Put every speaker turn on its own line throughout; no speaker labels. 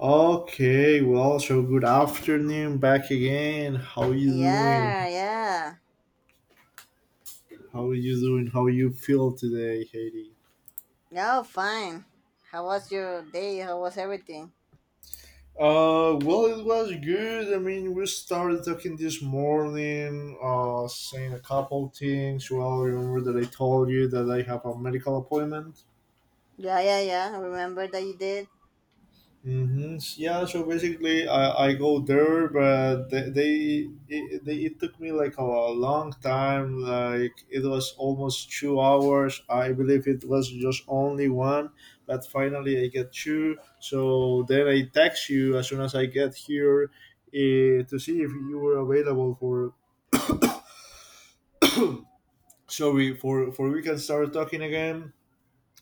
Okay, well, so good afternoon, back again. How you doing?
Yeah, yeah.
How you doing? How you feel today, Haiti?
No, fine. How was your day? How was everything?
Well, it was good. I mean, we started talking this morning, saying a couple things. Well, remember that I told you that I have a medical appointment.
Yeah, yeah, yeah. I remember that you did.
Hmm. Yeah, so basically, I go there, but they it took me like a long time. Like it was almost 2 hours. I believe it was just only one, but finally I get two. So then I text you as soon as I get here, to see if you were available for... So we... for we can start talking again.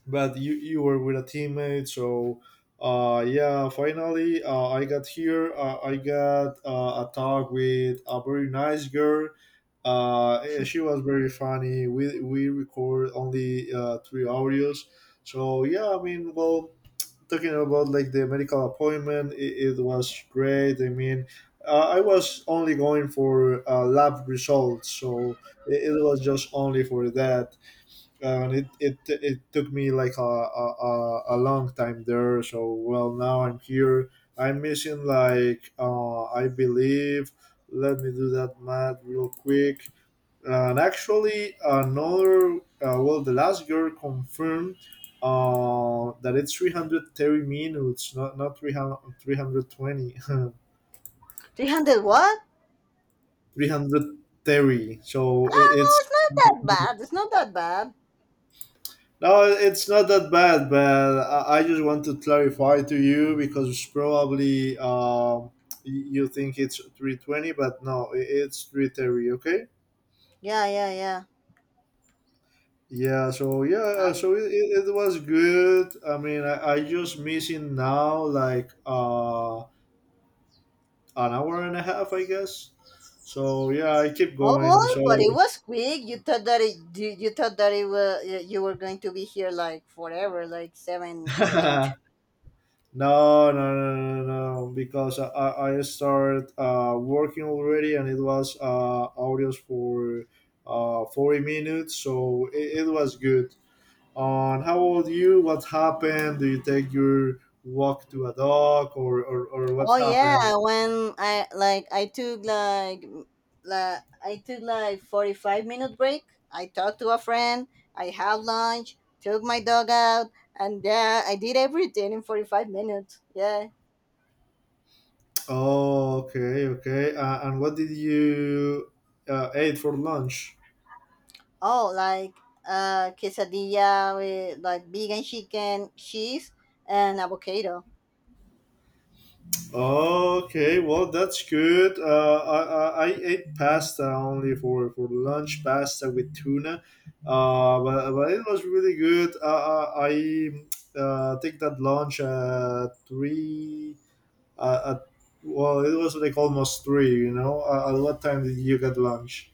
But you were with a teammate. So yeah, finally I got here. I got a talk with a very nice girl. She was very funny. We record only three audios. So yeah, I mean, well, talking about like the medical appointment, it was great. I mean, I was only going for lab results. So it was just only for that. And it took me like a long time there. So, well, now I'm here. I'm missing like I believe, let me do that math real quick. And actually another... Well, the last girl confirmed that it's 330 minutes, not 300, 320
300 what?
so it,
Ah,
it's
well, it's not that bad. It's not that bad.
No, it's not that bad, but I just want to clarify to you because probably you think it's 320, but no, it's 330, okay?
Yeah, yeah, yeah.
Yeah, so yeah,
And
so it was good. I mean, I just missing now like an hour and a half, I guess. So yeah, I keep
oh,
going.
well,
So...
but it was quick. You thought that it was. You were going to be here like forever, like seven or eight.
No, no, no, no, no, no, because I started working already, and it was audios for 40 minutes, so it was good. On how old you? What happened? Do you take your walk to a dog, or what
Oh yeah,
happened?
when I like I took like I took like 45-minute break. I talked to a friend, I had lunch, took my dog out, and yeah, I did everything in 45 minutes. Yeah.
Oh, okay, okay. And what did you eat for lunch?
Oh, like quesadilla with like vegan chicken, cheese and avocado.
Okay, well, that's good. I ate pasta only for lunch, pasta with tuna, but it was really good. I take that lunch at 3. Uh, at, well, it was like almost 3. You know, at what time did you get lunch?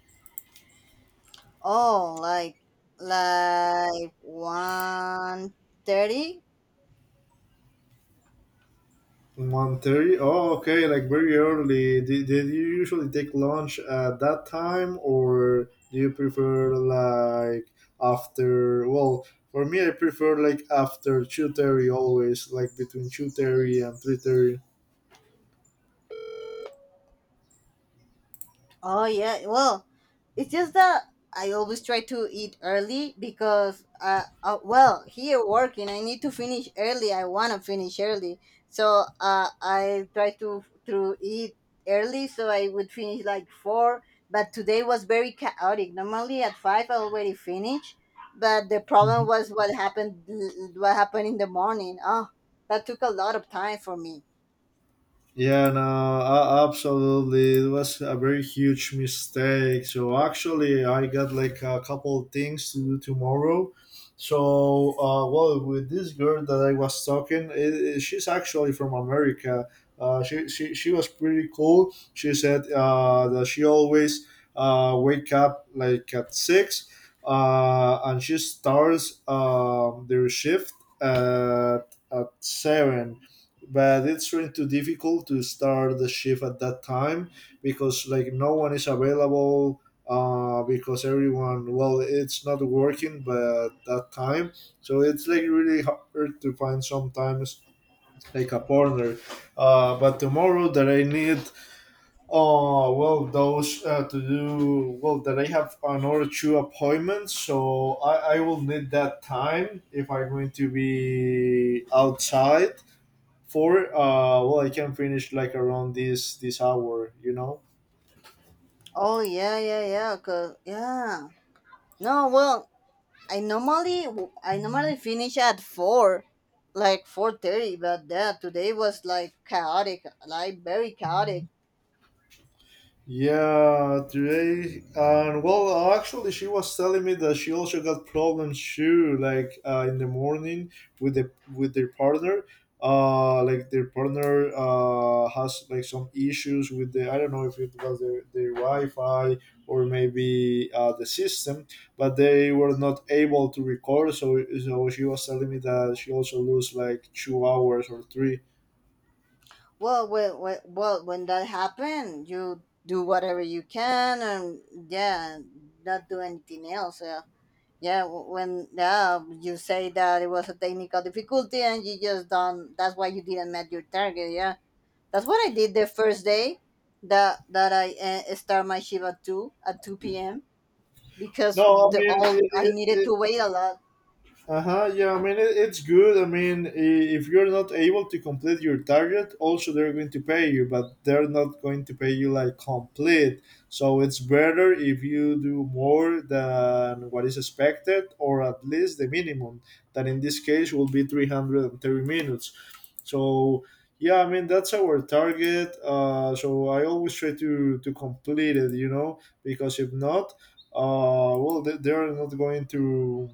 Oh, like 1:30.
1:30. Oh, okay, like very early. Did you usually take lunch at that time, or do you prefer like after? Well, for me, I prefer like after 2:30 always, like between 2:30 and 3:30.
Oh yeah, well, it's just that I always try to eat early because well, here working I need to finish early. I wanna finish early, so I try to eat early so I would finish like four. But today was very chaotic. Normally at five I already finished, but the problem was what happened in the morning. Oh, that took a lot of time for me.
Yeah, no, absolutely. It was a very huge mistake. So actually, I got like a couple of things to do tomorrow. So, well, with this girl that I was talking, she's actually from America. She was pretty cool. She said that she always wake up like at 6, and she starts their shift at 7, but it's really too difficult to start the shift at that time because like no one is available, because everyone, well, it's not working but that time. So it's like really hard to find sometimes like a partner. But tomorrow that I need, well those to do well that I have another two appointments, so I will need that time if I'm going to be outside. Four, well, I can finish like around this hour, you know.
Oh yeah, yeah, yeah. Cause yeah. No, well, I normally I normally finish at four, like 4:30. But that today was like chaotic, like very chaotic.
Yeah, today. And well, actually, she was telling me that she also got problems too, like in the morning, with their partner. Like their partner has like some issues with the... I don't know if it was their wi-fi, or maybe the system, but they were not able to record. So she was telling me that she also lose like 2 hours or three.
Well, when that happened, you do whatever you can, and yeah, not do anything else. Yeah, yeah. When you say that it was a technical difficulty, and you just don't. That's why you didn't met your target. Yeah, that's what I did the first day. That that I start my shift at 2 p.m.
No,
because
I
the
mean,
all I needed to wait a lot.
uh-huh, yeah, I mean, it's good. I mean, if you're not able to complete your target, also they're going to pay you, but they're not going to pay you like complete. So it's better if you do more than what is expected, or at least the minimum, that in this case will be 330 minutes. So, yeah, I mean, that's our target. So I always try to complete it, you know, because if not, well, they're not going to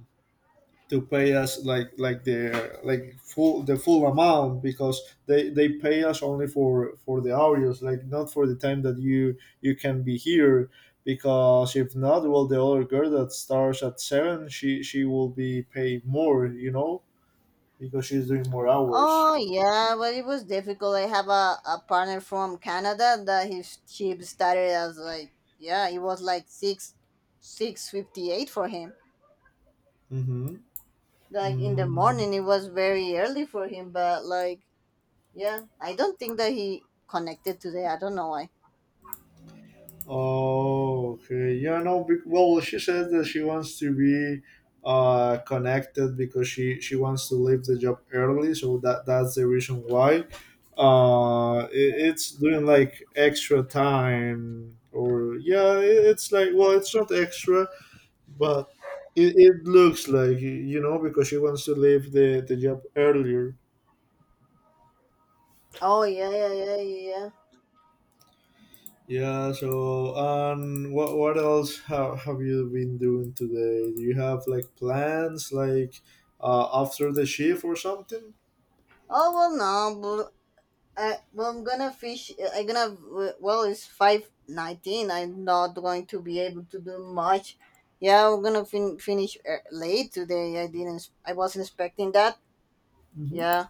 to pay us like their like full the full amount because they pay us only for the hours, like not for the time that you can be here. Because if not, well, the other girl that starts at 7, she will be paid more, you know, because she's doing more hours.
Oh yeah, but it was difficult. I have a partner from Canada that his chip started as like yeah, it was like six fifty eight for him.
Mm-hmm.
Like in the
Mm.
morning it was very early for him, but like yeah, I don't think that he connected today. I don't know why.
Oh, okay. Yeah, no. Well, she says that she wants to be connected because she wants to leave the job early. So that's the reason why. It's doing like extra time, or yeah, it's like, well, it's not extra, but it looks like, because she wants to leave the job earlier.
Oh yeah.
Yeah, so what else have you been doing today? Do you have like plans like after the shift or something?
Oh well, no. Well, I'm gonna fish. I'm gonna. Well, it's 5:19. I'm not going to be able to do much. Yeah, finish late today. I didn't. I wasn't expecting that.
Hmm.
Yeah.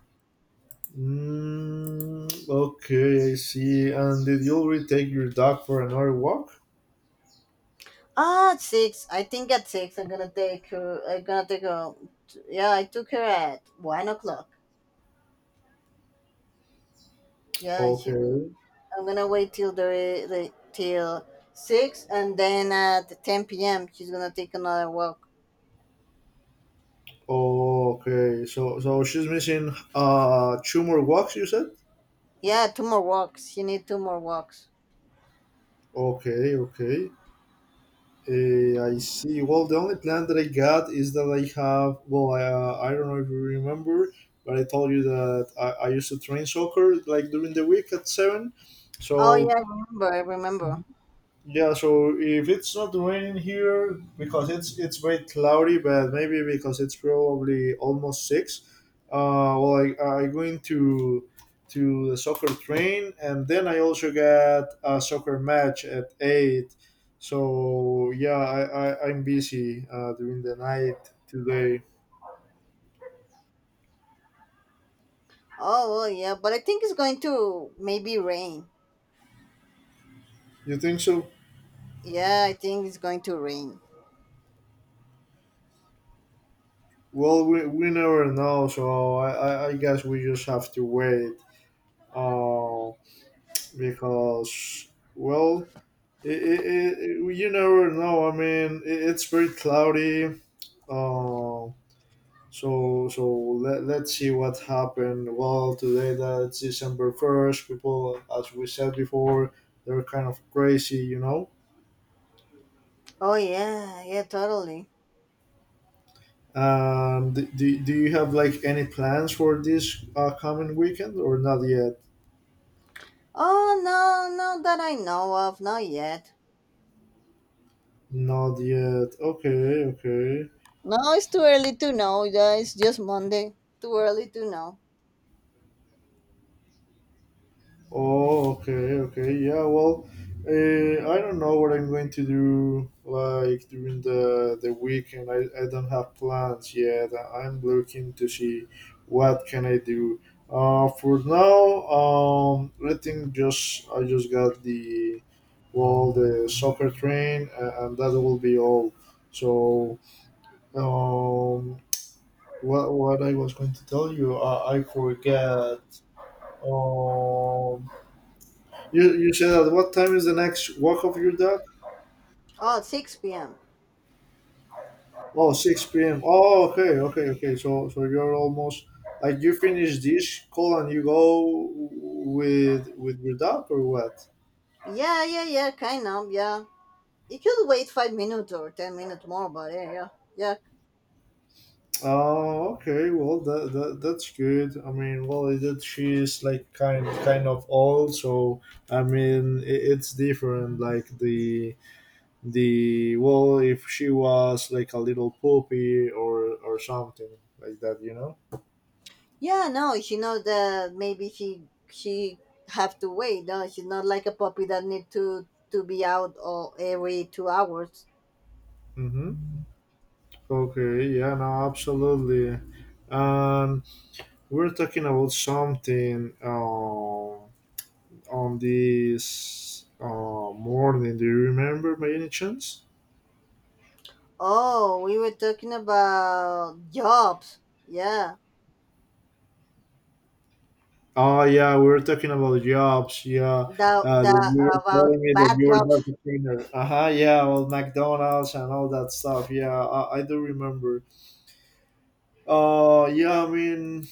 Mm, okay, I see. And did you already take your dog for another walk?
Ah, at six. I think at six I'm gonna take her. Yeah, I took her at 1 o'clock. Yeah, she.
Okay.
I'm gonna wait till the till six, and then at ten p.m. she's gonna take another walk.
Okay. So she's missing two more walks, you said?
Yeah, two more walks. She need two more walks.
Okay, okay. I see. Well, the only plan that I got is that I have... Well, I don't know if you remember, but I told you that I used to train soccer like during the week at 7.
Oh yeah,
So
I remember, I remember.
yeah, so if it's not raining here, because it's very cloudy, but maybe because it's probably almost six. Well, I going to the soccer train, and then I also got a soccer match at 8. So yeah, I'm busy during the night today.
Oh, oh yeah, but I think it's going to maybe rain.
You think so?
Yeah, I think it's going to rain.
Well, we never know, so I guess we just have to wait. Uh, because, well, It, it, you never know. I mean, it's very cloudy. Uh, let's see what happened. Well, today that's December first. People, as we said before, they're kind of crazy, you know.
Oh yeah, yeah, totally.
Do you have like any plans for this coming weekend, or not yet?
Oh no, not that I know of, not yet.
Not yet. Okay, okay.
No, it's too early to know. Yeah, it's just Monday. Too early to know.
Oh, okay, okay, yeah. Well, I don't know what I'm going to do like during the weekend. I don't have plans yet. I'm looking to see what can I do. For now, I think just I just got the... well, the soccer train, and that will be all. So, um, what I was going to tell you, I forget. Um, you said at what time is the next walk of your dog?
Oh, it's 6 p.m.
Oh, 6 p.m. Oh, okay, okay, okay. So you're almost like you finish this call and you go with your dog, or what?
Yeah, yeah, yeah, kind of, yeah. You could wait 5 minutes or 10 minutes more, but yeah, yeah, yeah.
Oh, okay. Well, that's good. I mean, well, she's like kind of old, so I mean, it's different. Like the well, if she was like a little puppy, or something like that, you know.
Yeah, no, she knows that maybe she have to wait. No, she's not like a puppy that need to be out all, every 2 hours.
Mm-hmm. Okay, yeah, no, absolutely. And we're talking about something on this morning. Do you remember by any chance?
Oh, we were talking about jobs. Yeah,
Oh, yeah, we were talking about jobs. Yeah,
the
that
the
you were
about
telling me that
bad
you were
jobs.
data cleaner. Uh huh, yeah, well, McDonald's and all that stuff. Yeah, I do remember. Yeah, I mean,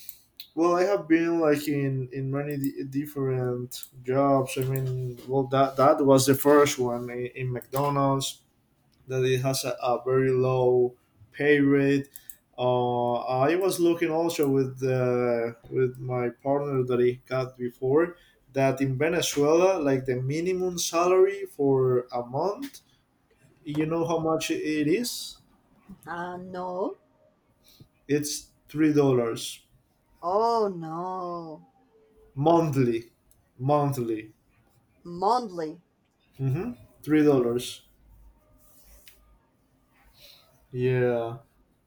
well, I have been like in many different jobs. I mean, well, that was the first one in McDonald's, that it has a very low pay rate. Uh, I was looking also with my partner that he got before, that in Venezuela, like the minimum salary for a month, you know how much it is?
No.
It's $3
Oh no,
monthly, monthly.
monthly.
Mm-hmm. $3. Yeah,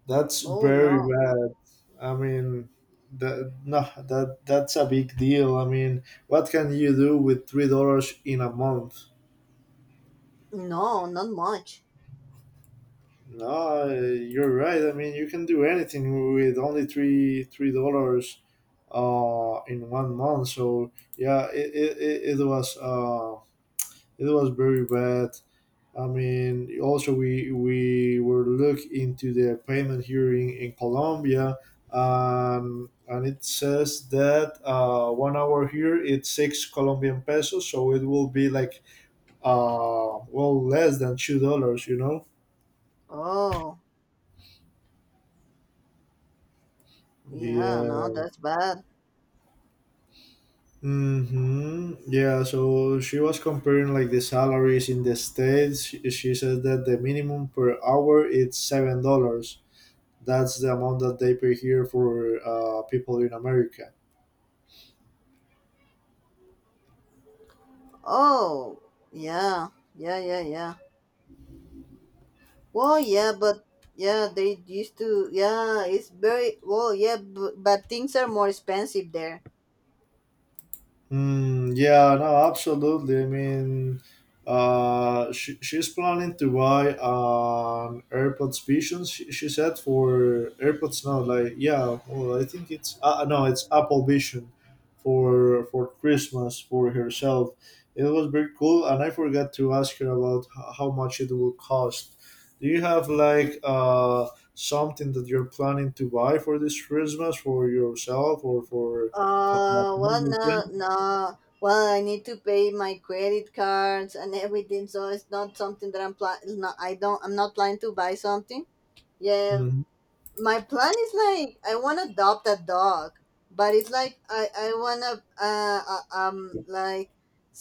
that's
Oh
very
no,
bad. I mean, that no, that's a big deal. I mean, what can you do with $3 in a month?
no, not much.
No, you're right. I mean, you can do anything with only three dollars in one month. So yeah, it it was uh it was very bad. I mean, also we were look into the payment hearing in Colombia, and it says that 1 hour here it's 6 Colombian pesos, so it will be like well, less than $2, you know.
Oh yeah, no,
Yeah.
that's bad.
Mm-hmm. Yeah. So she was comparing like the salaries in the states. She said that the minimum per hour it's $7. That's the amount that they pay here for people in America.
Oh yeah, yeah, yeah, yeah. Well, yeah, but yeah, they used to. Yeah, it's very well. Yeah, but things are more expensive there.
Yeah, no, absolutely. I mean, she's planning to buy an AirPods Vision. She said for AirPods now, like yeah, well, I think it's no, it's Apple Vision for Christmas for herself. It was very cool, and I forgot to ask her about how much it will cost. Do you have like something that you're planning to buy for this Christmas for yourself or for
Well,
your
no,
friends?
no. Well, I need to pay my credit cards and everything, so it's not something that I'm planning. I don't. I'm not planning to buy something. Yeah,
Mhm.
my plan is like I want to adopt a dog, but it's like I want to like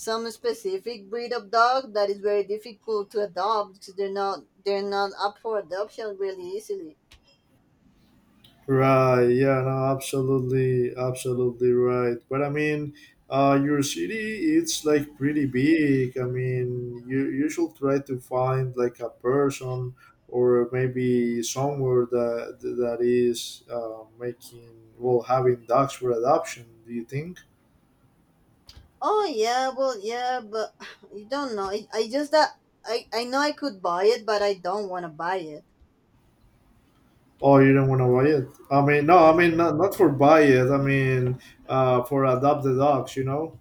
some specific breed of dog that is very difficult to adopt because they're not up for adoption really easily.
Right. Yeah. No. Absolutely. Absolutely right. But I mean, your city it's like pretty big. I mean, you should try to find like a person or maybe somewhere that is making well having dogs for adoption. Do you think?
Oh yeah, well yeah, but you don't know. I just that I know I could buy it, but I don't want to buy it.
Oh, you don't want to buy it? I mean, no. I
Mm.
mean, not for buy it. I mean, for adopt the dogs. You know.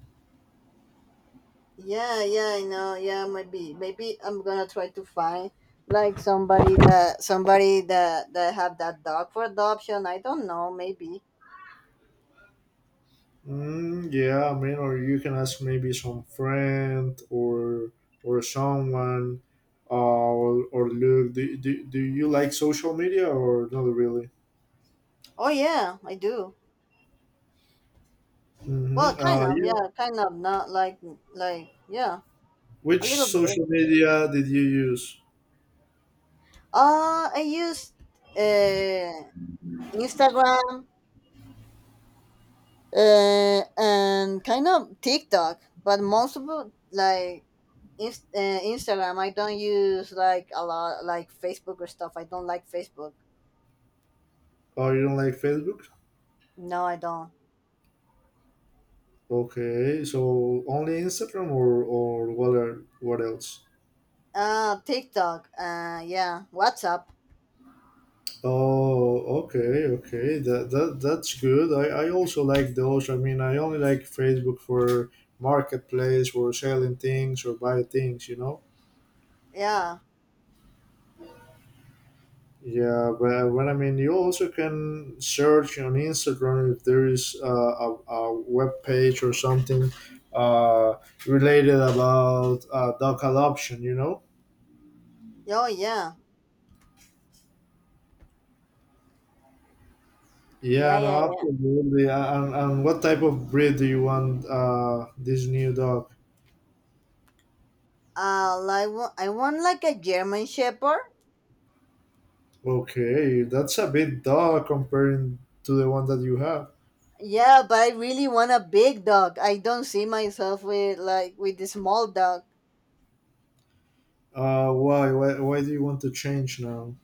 Yeah, yeah, I know. Yeah, maybe, maybe I'm gonna try to find like somebody that have that dog for adoption. I don't know. Maybe.
Yeah, I mean, or you can ask maybe some friend or someone, or look, do you like social media or not really?
Oh yeah, I do.
Mm-hmm.
Well, kind of.
Yeah.
Yeah, kind of. Not like a
Which
little bit.
social media did you use?
I use uh Instagram and kind of TikTok, but most of it, like. Instagram. I don't use like a lot, like Facebook or stuff. I don't like Facebook.
Oh, you don't like Facebook?
No, I don't.
Okay, so only Instagram or what else?
TikTok. Yeah. WhatsApp.
Oh, okay, okay. That's good. I also like those. I mean, I only like Facebook for marketplace or selling things or buy things, you know.
Yeah.
Yeah, but when I mean, you also can search on Instagram if there is a web page or something uh, related about dog adoption, you know.
Oh, yeah.
Yeah,
Yeah,
no,
yeah, yeah.
absolutely. And what type of breed do you want this new dog?
I want like a German Shepherd.
Okay, that's a bit dull comparing to the one that you have.
Yeah, but I really want a big dog. I don't see myself with the small dog.
Why? Why do you want to change now?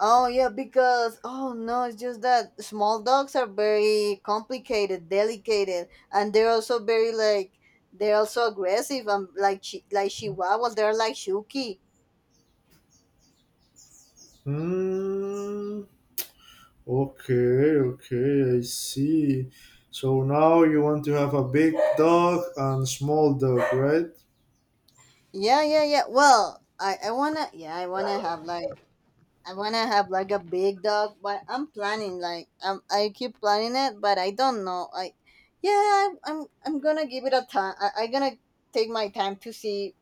Oh yeah, because oh no, it's just that small dogs are very complicated, delicate, and they're also very like they're also aggressive and like Chihuahuas. They're like Shuki.
Hmm. Okay, okay, I see. So now you want to have a big dog and small dog, right?
Yeah, yeah, yeah. Well, I wanna yeah, I wanna have like I wanna have like a big dog, but I'm planning like I keep planning it, but I don't know. I yeah, I'm gonna give it a time. I gonna take my time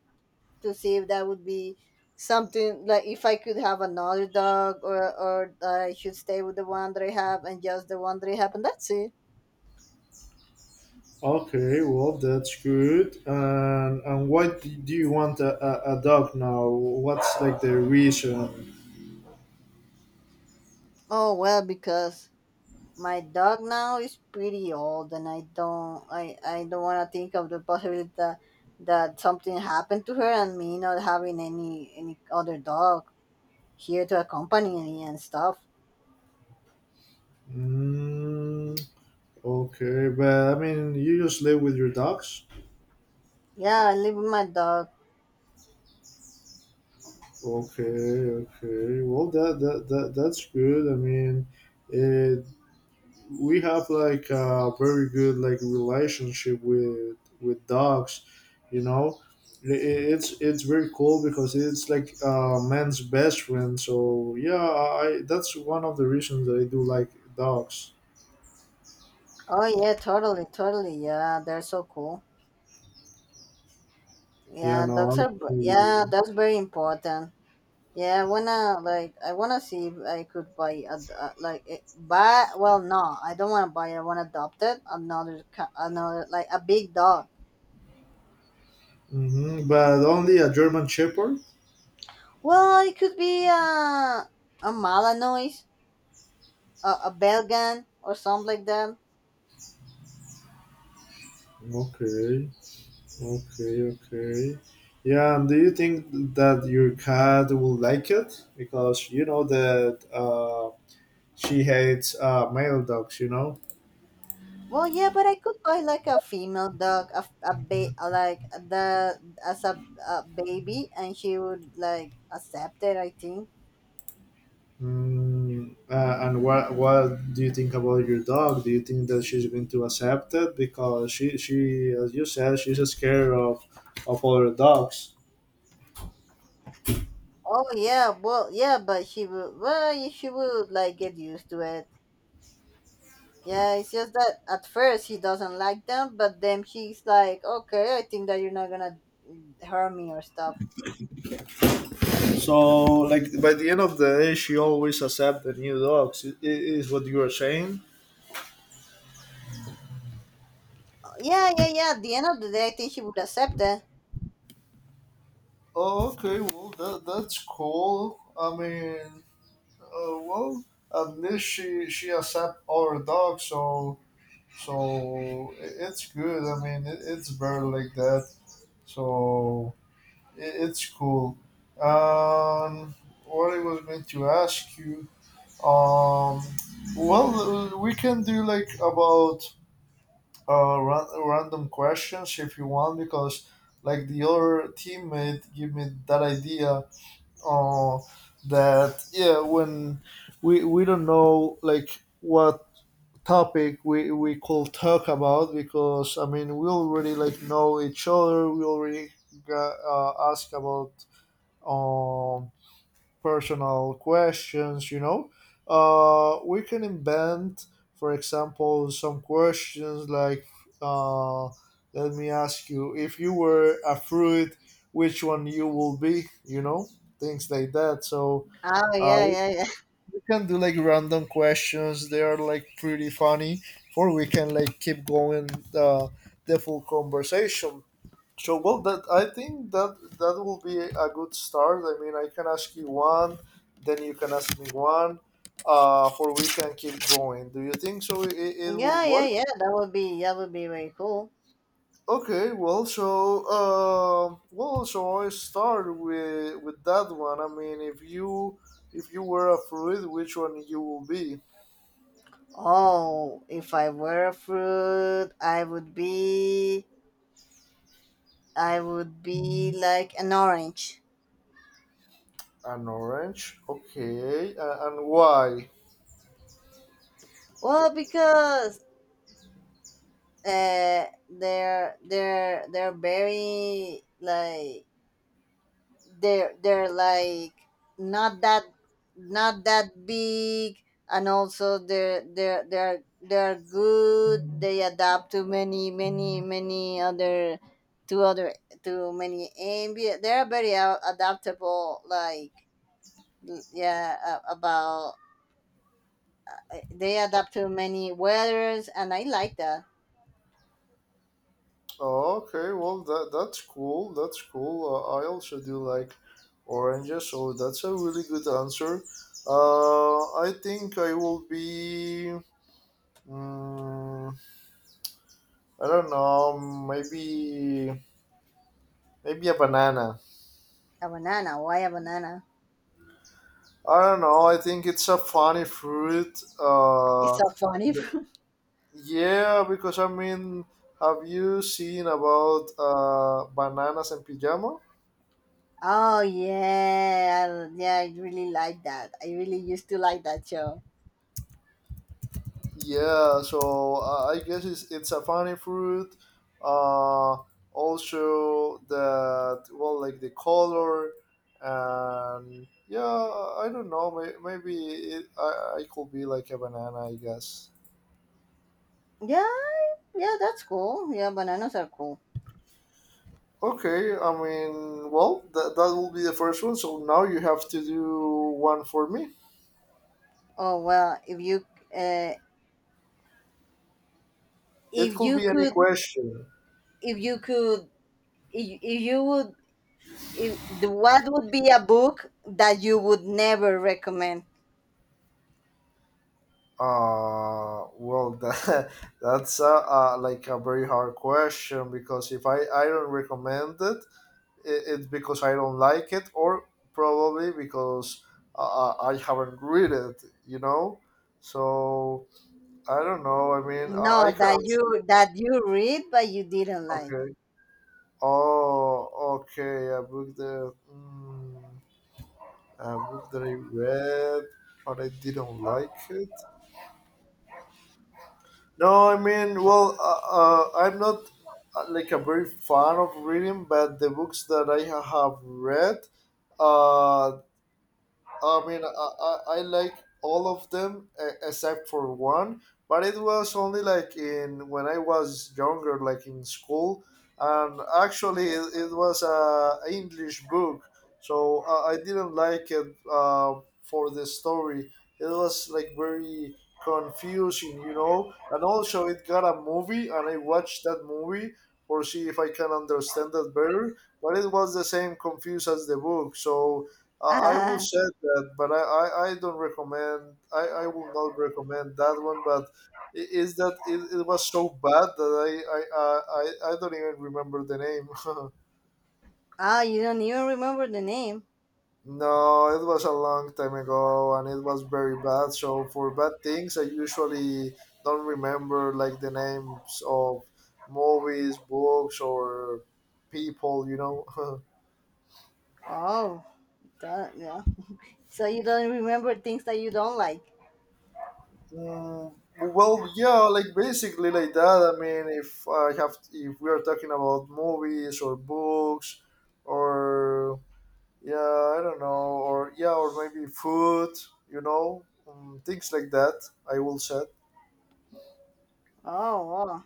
to see if that would be something like if I could have another dog or that I should stay with the one that I have and just the one that I have, and that's it.
Okay, well that's good. And why do you want a dog now? What's like the reason?
Oh well, because my dog now is pretty old, and I don't want to think of the possibility that, that something happened to her and me not having any other dog here to accompany me and stuff.
Mm, okay, but I mean, you just live with your dogs.
Yeah, I live with my dog.
Okay, okay. Well, that's good. I mean, it, we have like a very good like relationship with dogs. You know, it's very cool because it's like man's best friend. So yeah, I that's one of the reasons that I do like dogs.
Oh yeah, totally, totally. Yeah, they're so cool.
Yeah,
Yeah, dogs
no.
are. Yeah, that's very important. I wanna see if I could buy a d- like eh, buy. Well, no, I don't wanna buy. I wanna adopt it another another like a big dog.
Mm-hmm, but only a German Shepherd.
Well, it could be a Malinois, a Belgian, or something like that.
Okay. Okay, okay. Yeah, and do you think that your cat will like it? Because you know that she hates male dogs, you know?
Well, yeah, but I could buy like a female dog, a like the as a baby, and she would like accept it. I think.
And what do you think about your dog? Do you think that she's going to accept it? Because she as you said, she's scared of other dogs.
Oh yeah, well yeah, but she will. Well, she would like get used to it. Yeah, it's just that at first she doesn't like them, but then she's like, okay, I think that you're not gonna harm me or stuff.
So, like, by the end of the day, she always accepts the new dogs. Is what you are saying?
Yeah, yeah, yeah. At the end of the day, I think she would accept it.
Oh, okay. Well, that's cool. I mean, well, at least she accept our dog, so it's good. I mean, it's better like that. So it's cool. Um, what I was going to ask you, um, we can do like about random questions if you want because like the other teammate gave me that idea uh, that yeah when we don't know like what topic we could talk about because I mean we already like know each other. We already got, ask about um personal questions, you know. We can invent, for example, some questions like uh let me ask you, if you were a fruit, which one you will be, you know, things like that. So
Oh
uh,
yeah, yeah, yeah,
we can do like random questions. They are like pretty funny, or we can like keep going uh, the full conversation. So well, that I think that that will be a good start. I mean, I can ask you one, then you can ask me one, or we can keep going. Do you think so? It, it will
yeah, yeah,
work.
yeah. That would be very cool.
Okay, well, so I start with that one. I mean, if you were a fruit, which one you will be?
Oh, if I were a fruit, I would be like an orange.
An orange? Okay. And why?
Well, because they're very like they're like not that not that big, and also they're good, they adapt to many many many other to other to many ambient. They're very adaptable, like l- yeah a- about they adapt to many weathers and I like that.
Oh, okay. Well, that's cool. That's cool. I also do like oranges, so that's a really good answer. I think I will be. mm I don't know. Maybe a banana.
A banana, why a banana?
I don't know. I think it's a funny fruit.
It's
Uh,
so funny.
but- yeah, because I mean, have you seen about bananas and pajama?
Yeah. I really like that. I really used to like that show.
Yeah, so I guess it's a funny fruit. Uh, Also that well, like the color, and yeah, I don't know. Maybe I could be like a banana, I guess.
Yeah, yeah. That's cool. Yeah, bananas are cool.
Okay, I mean, well, that will be the first one. So now you have to do one for me.
Oh well, uh,
It
if
could
you
be any
could,
question.
if you could, if you would, if the, what would be a book that you would never recommend?
Well, that's like a very hard question because if I don't recommend it, it's because I don't like it, or probably because I haven't read it, you know? So I don't know. I mean,
No,
I can
that you
answer.
read but you didn't like.
Okay. Oh, okay. A book that I read, but I didn't like it. No, I mean, well, I'm not like a very fan of reading, but the books that have read, uh, I mean, I like all of them except for one, but it was only like in when I was younger, like in school. And actually it was a English book, so I didn't like it for the story. It was like very confusing, you know. And also, it got a movie, and I watched that movie for see if I can understand that better. But it was the same confused as the book, so. I will share that, but I don't recommend. I will not recommend that one. But is that it was so bad that I, uh, I I don't even remember the name.
Ah, ah! You don't even remember the name.
No, it was a long time ago, and it was very bad. So for bad things, I usually don't remember like the names of movies, books, or people. You know.
Oh, duh, yeah. So you don't remember things that you don't like.
Well, yeah, like basically like that. I mean, if I have, if we are talking about movies or books, or yeah, I don't know, or yeah, or maybe food, you know, things like that. I will say.
Oh,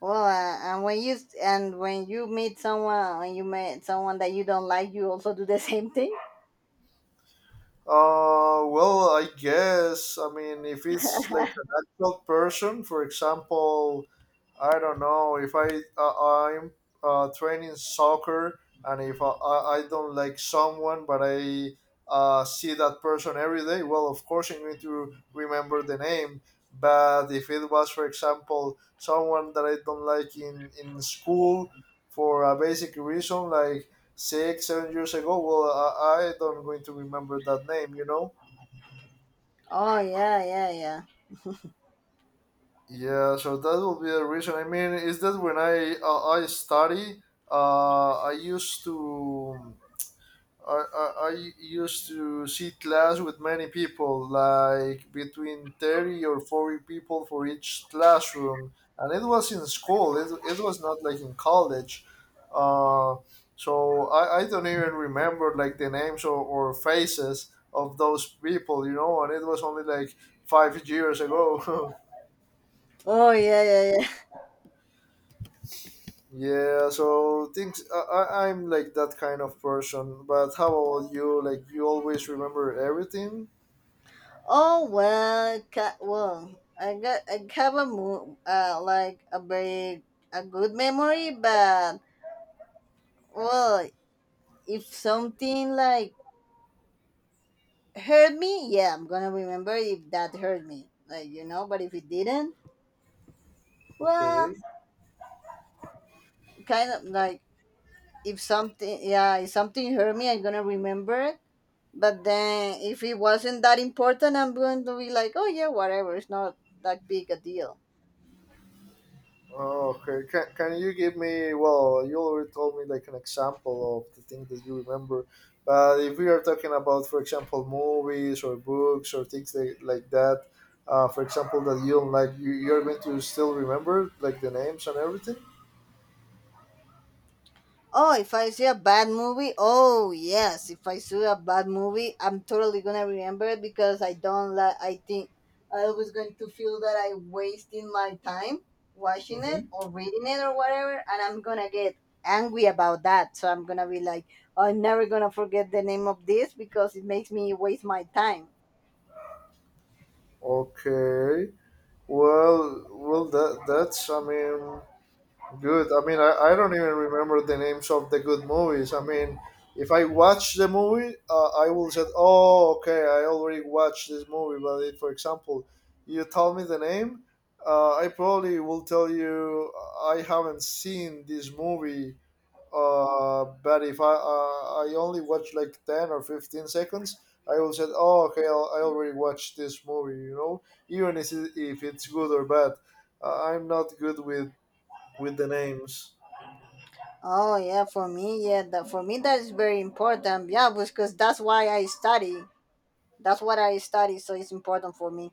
well and when you meet someone and you meet someone that you don't like, you also do the same thing.
Well, I guess. I mean, if it's like an actual person, for example, I don't know. If I I'm training soccer, and if I don't like someone, but I see that person every day, well, of course I'm going to remember the name. But if it was, for example, someone that I don't like in school for a basic reason, like 6, 7 years ago. Well, I don't going to remember that name, you know.
Oh yeah, yeah, yeah.
Yeah, so that will be the reason. I mean, is that when I study, uh, I used to I used to sit class with many people, like between 30 or 40 people for each classroom. And it was in school, it was not like in college. Uh, so I don't even remember like the names or faces of those people, you know, and it was only like 5 years ago.
Oh yeah, yeah, yeah.
Yeah, so things I'm like that kind of person, but how about you? Like you always remember everything?
Oh well, well, I have a mo- like a very a good memory, but well, if something like hurt me, yeah, I'm gonna remember if that hurt me, like you know. But if it didn't, well,
Okay.
kind of like if something yeah if something hurt me I'm gonna remember it, but then if it wasn't that important I'm going to be like, oh yeah, whatever, it's not that big a deal.
Oh, okay. Can you give me, well, you already told me like an example of the thing that you remember. But if we are talking about, for example, movies or books or things like that, for example, that you don't like, you're going to still remember like the names and everything?
Oh, if I see a bad movie, oh yes, if I see a bad movie, I'm totally gonna remember it because I don't like. I think I was going to feel that I wasted my time watching
Mm-hmm.
it or reading it or whatever, and I'm gonna get angry about that. So I'm gonna be like, I'm never gonna forget the name of this because it makes me waste my time.
Okay. Well, I mean, good. I mean, I don't even remember the names of the good movies. I mean, if I watch the movie, I will say, oh, okay, I already watched this movie. But if, for example, you tell me the name, I probably will tell you I haven't seen this movie. But if I I only watch like 10 or 15 seconds, I will say, oh, okay, I already watched this movie, you know, even if it's good or bad. I'm not good with the names.
Oh yeah, for me, yeah, that for me that is very important. Yeah, because that's why I study. That's what I study, so it's important for me.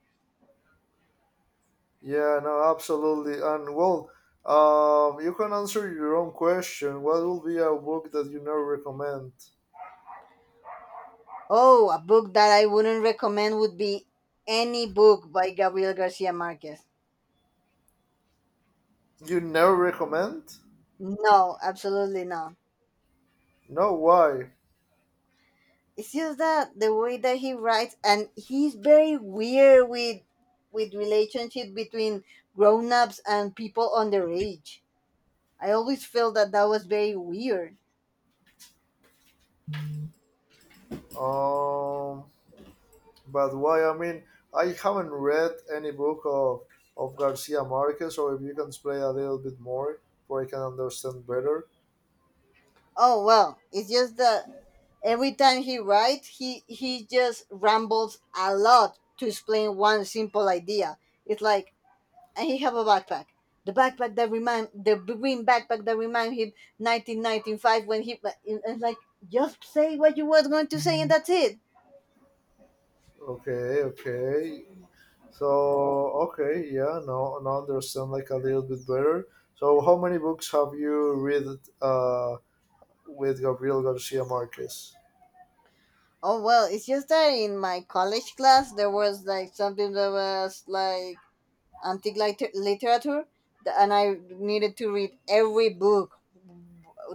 Yeah, no, absolutely. And well, you can answer your own question. What will be a book that you never recommend?
Oh, a book that I wouldn't recommend would be any book by Gabriel Garcia Marquez.
You never recommend?
No, absolutely not.
No, why?
It's just that the way that he writes and he's very weird with relationship between grown-ups and people underage. I always felt that that was very weird.
Um, but why? I mean, I haven't read any book of Garcia Marquez, or if you can explain a little bit more, so I can understand better.
Oh, well, it's just that every time he writes, he just rambles a lot to explain one simple idea. It's like and he have a backpack. The backpack that remind the green backpack that remind him 1995 when he and like just say what you was going to say and that's it.
Okay, okay. So okay, yeah, now I understand like a little bit better. So how many books have you read uh, with Gabriel Garcia Marquez?
Oh well, it's just that in my college class there was like something that was like antique literature, and I needed to read every book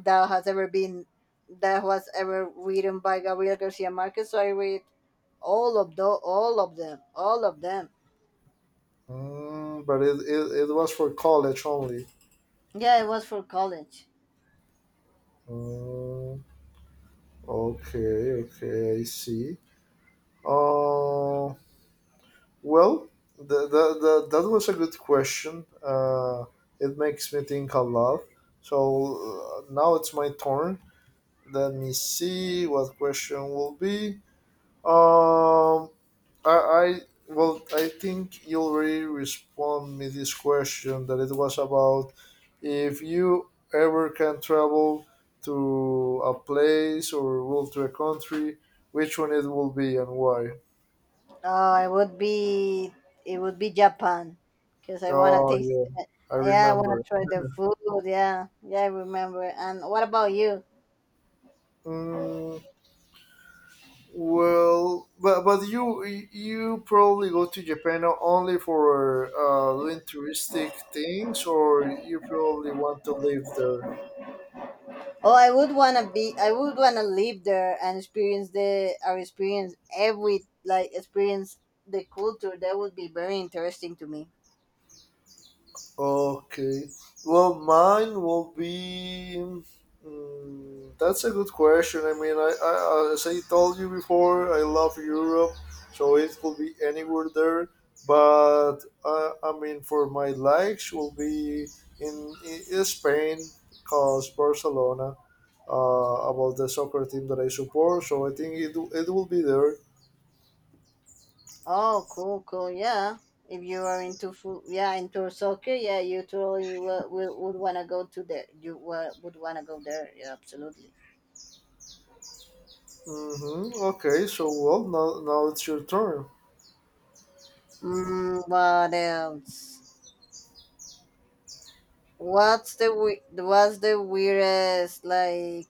that has ever been that was ever written by Gabriel Garcia Marquez. So I read all of them, all of them.
But it was for college only.
Yeah, it was for college.
Mm, okay, okay, I see. Uh, well, that was a good question. It makes me think a lot. So now it's my turn. Let me see what question will be. Um, I I think you already respond me this question that it was about if you ever can travel to a place or well to a country, which one it will be and why.
Oh, it would be Japan, because I want to
Oh
taste.
yeah, I
Yeah, I want
remember.
to try the food. Yeah, yeah, I remember. And what about you?
Mm, Well, but you probably go to Japan only for doing touristic things, or you probably want to live there.
Oh, I would want to be. I would want to live there and experience the or experience every experience the culture. That would be very interesting to me.
Okay. Well, mine will be. That's a good question. I mean, I as I told you before, I love Europe, so it could be anywhere there. But I mean, for my likes, will be in Spain, cause Barcelona, about the soccer team that I support. So I think it will be there.
Oh, cool, cool. Yeah, if you are into food, yeah, into soccer, yeah, you totally would want to go to there. Would want to go there. Yeah, absolutely.
Mm-hmm. Okay. So well, now it's your turn.
What else? What's the weirdest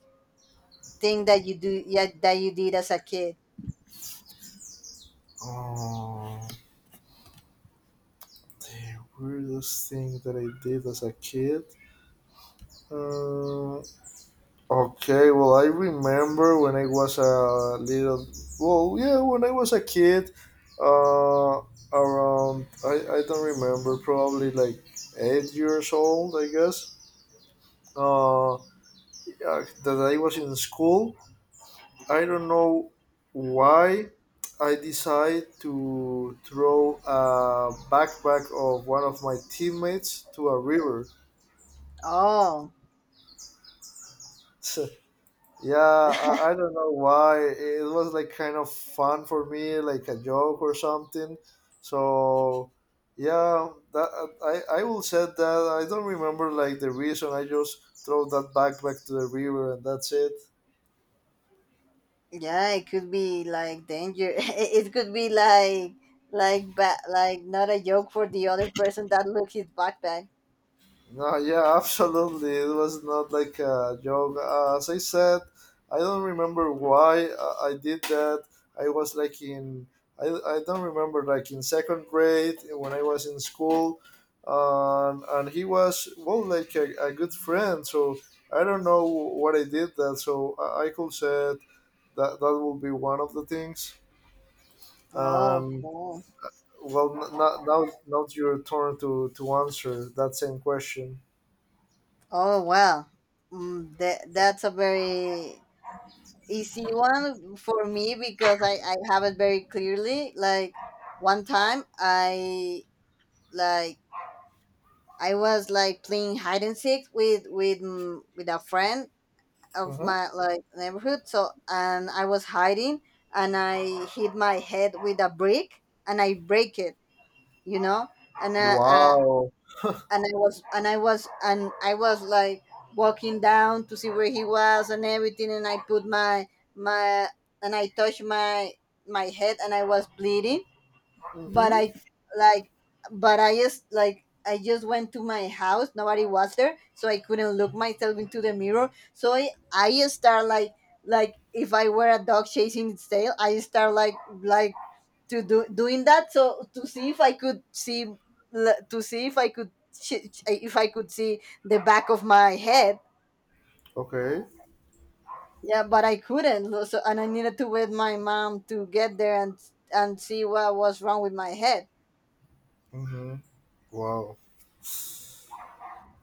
thing that you do yeah that you did as a kid?
Oh. Weirdest thing that I did as a kid. Uh, okay, well, I remember when I was a little. Well, yeah, when I was a kid, uh, around I don't remember, probably like 8 years old, I guess. Uh, yeah, that I was in school. I don't know why I decided to throw a backpack of one of my teammates to a river.
Oh,
Yeah, I don't know why. It was like kind of fun for me, like a joke or something. So yeah, that I will say that I don't remember like the reason. I just throw that backpack to the river and that's it.
yeah, it could be like danger. It could be like like not a joke for the other person that look his backpack.
No, yeah, absolutely. It was not like a joke. As I said, I don't remember why I did that. I was I don't remember, like in second grade when I was in school. And he was, well, like a good friend. So I don't know what I did that. So I could say that that will be one of the things.
Oh,
Um,
cool.
well, now it's your turn to answer that same question.
Oh, wow. That's a very easy one for me because I have it very clearly. One time I like was playing hide and seek with with a friend of
Mhm.
my like neighborhood. So and I was hiding and I hit my head with a brick and I break it, you know. And
Wow.
and I was like walking down to see where he was and everything. And I put my and I touched my head and I was bleeding but
Mm-hmm.
I like but I just went to my house. Nobody was there, so I couldn't look myself into the mirror. So I just start like if I were a dog chasing its tail, I start like to do doing that so to see if I could see to see if I could if I could see the back of my head.
Okay.
Yeah, but I couldn't. So and I needed to wait my mom to get there and see what was wrong with my head.
Hmm. Wow.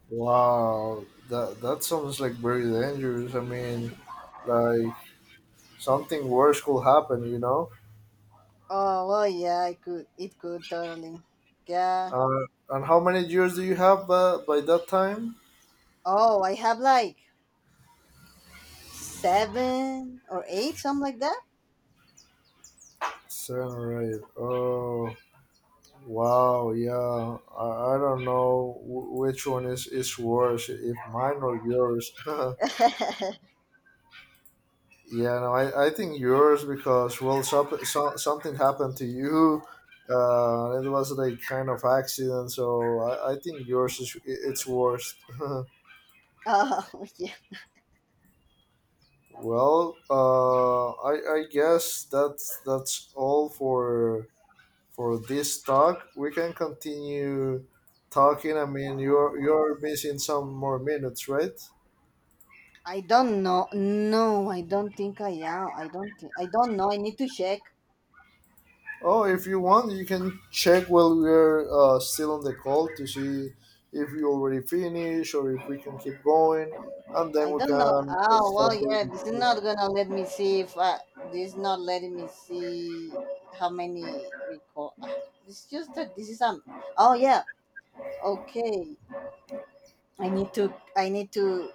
Wow. That that sounds like very dangerous. I mean, like something worse could happen. You know.
Oh well, yeah, I could. It could totally. Yeah.
And how many years do you have by that time?
Oh, I have like seven or eight, something like that.
Seven or eight. Oh. Wow. Yeah. I don't know which one is worse, if mine or yours. Yeah, no, I think yours because well, something happened to you. It was like kind of accident, so I think yours is it's worst.
oh yeah.
Well, I guess that's all for this talk. We can continue talking. I mean, you're missing some more minutes, right?
I don't know. No, I don't think I am. I don't think. I don't know. I need to check.
Oh, if you want, you can check while we're still on the call to see if you already finished or if we can keep going, and then
I
we
don't know.
can
Oh
stop
well,
the
yeah. This is
recording.
not gonna let me see if I, this is not letting me see how many record. Ah, it's just that this is Oh yeah. Okay. I need to I need to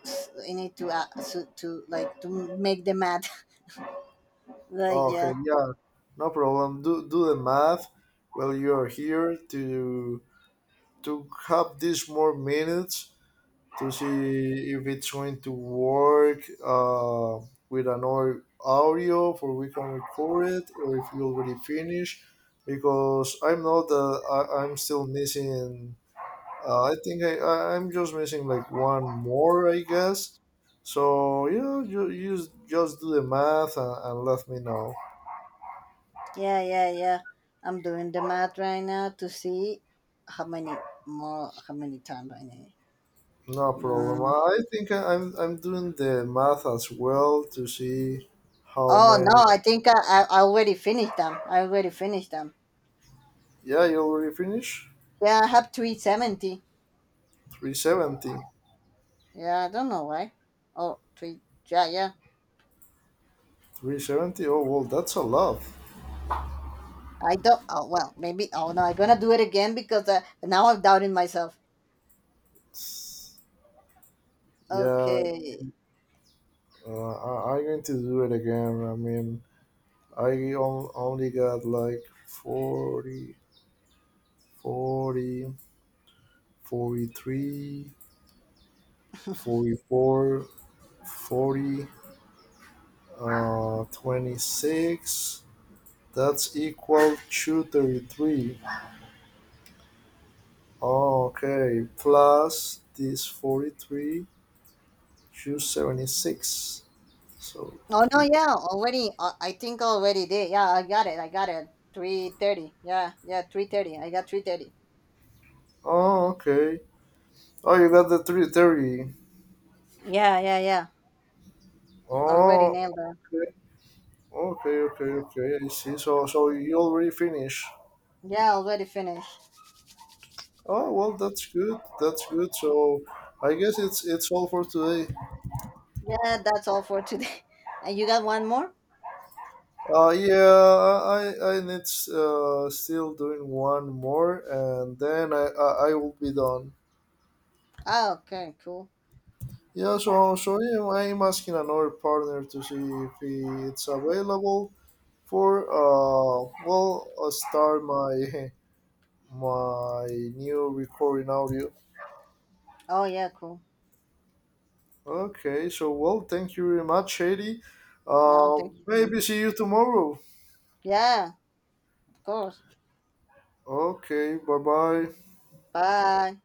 I need to to like to make the math. like
Oh, okay,
yeah.
yeah, no problem. Do the math while you are here to have these more minutes to see if it's going to work with an audio for we can record it or if you already finished because I know that I'm still missing I think I'm just missing like one more I guess so yeah just do the math and let me know.
Yeah, I'm doing the math right now to see how many more how many times I need.
No problem
Uh,
I think I'm doing the math as well to see how
oh
many.
no, I already finished them. I already finished them.
Yeah you already finished.
Yeah, I have 370.
370.
Yeah, I don't know why. Oh, three. Yeah, yeah.
370? Oh, well, that's a lot.
I don't. Oh well, maybe. Oh no, I'm gonna do it again because now I'm doubting myself.
Yeah,
Okay.
I'm going to do it again. I mean, only got like forty, forty three, forty four, 40, 26. That's equal to 33. Oh, okay, plus this 43, 276. So,
Oh no,
3.
yeah, already. I think already did. Yeah, I got it. I got it. 330. 330. I got 330.
Oh, okay. Oh, you got the 330.
Yeah, yeah, yeah. Already
Oh,
nailed that.
okay, okay, okay, okay. I see. So, so you already finished.
Yeah, already finished.
Oh, well, that's good. That's good. So, I guess it's all for today.
Yeah, that's all for today. And you got one more?
Yeah, I need still doing one more, and then I will be done.
Oh, okay, cool.
Yeah. So so yeah, I'm asking another partner to see if he, it's available for start my my new recording audio.
Oh yeah, cool.
Okay, so well, thank you very much, Shady.
No, thank you. Too.
Maybe see you tomorrow.
Yeah, of course.
Okay, bye bye.
Bye.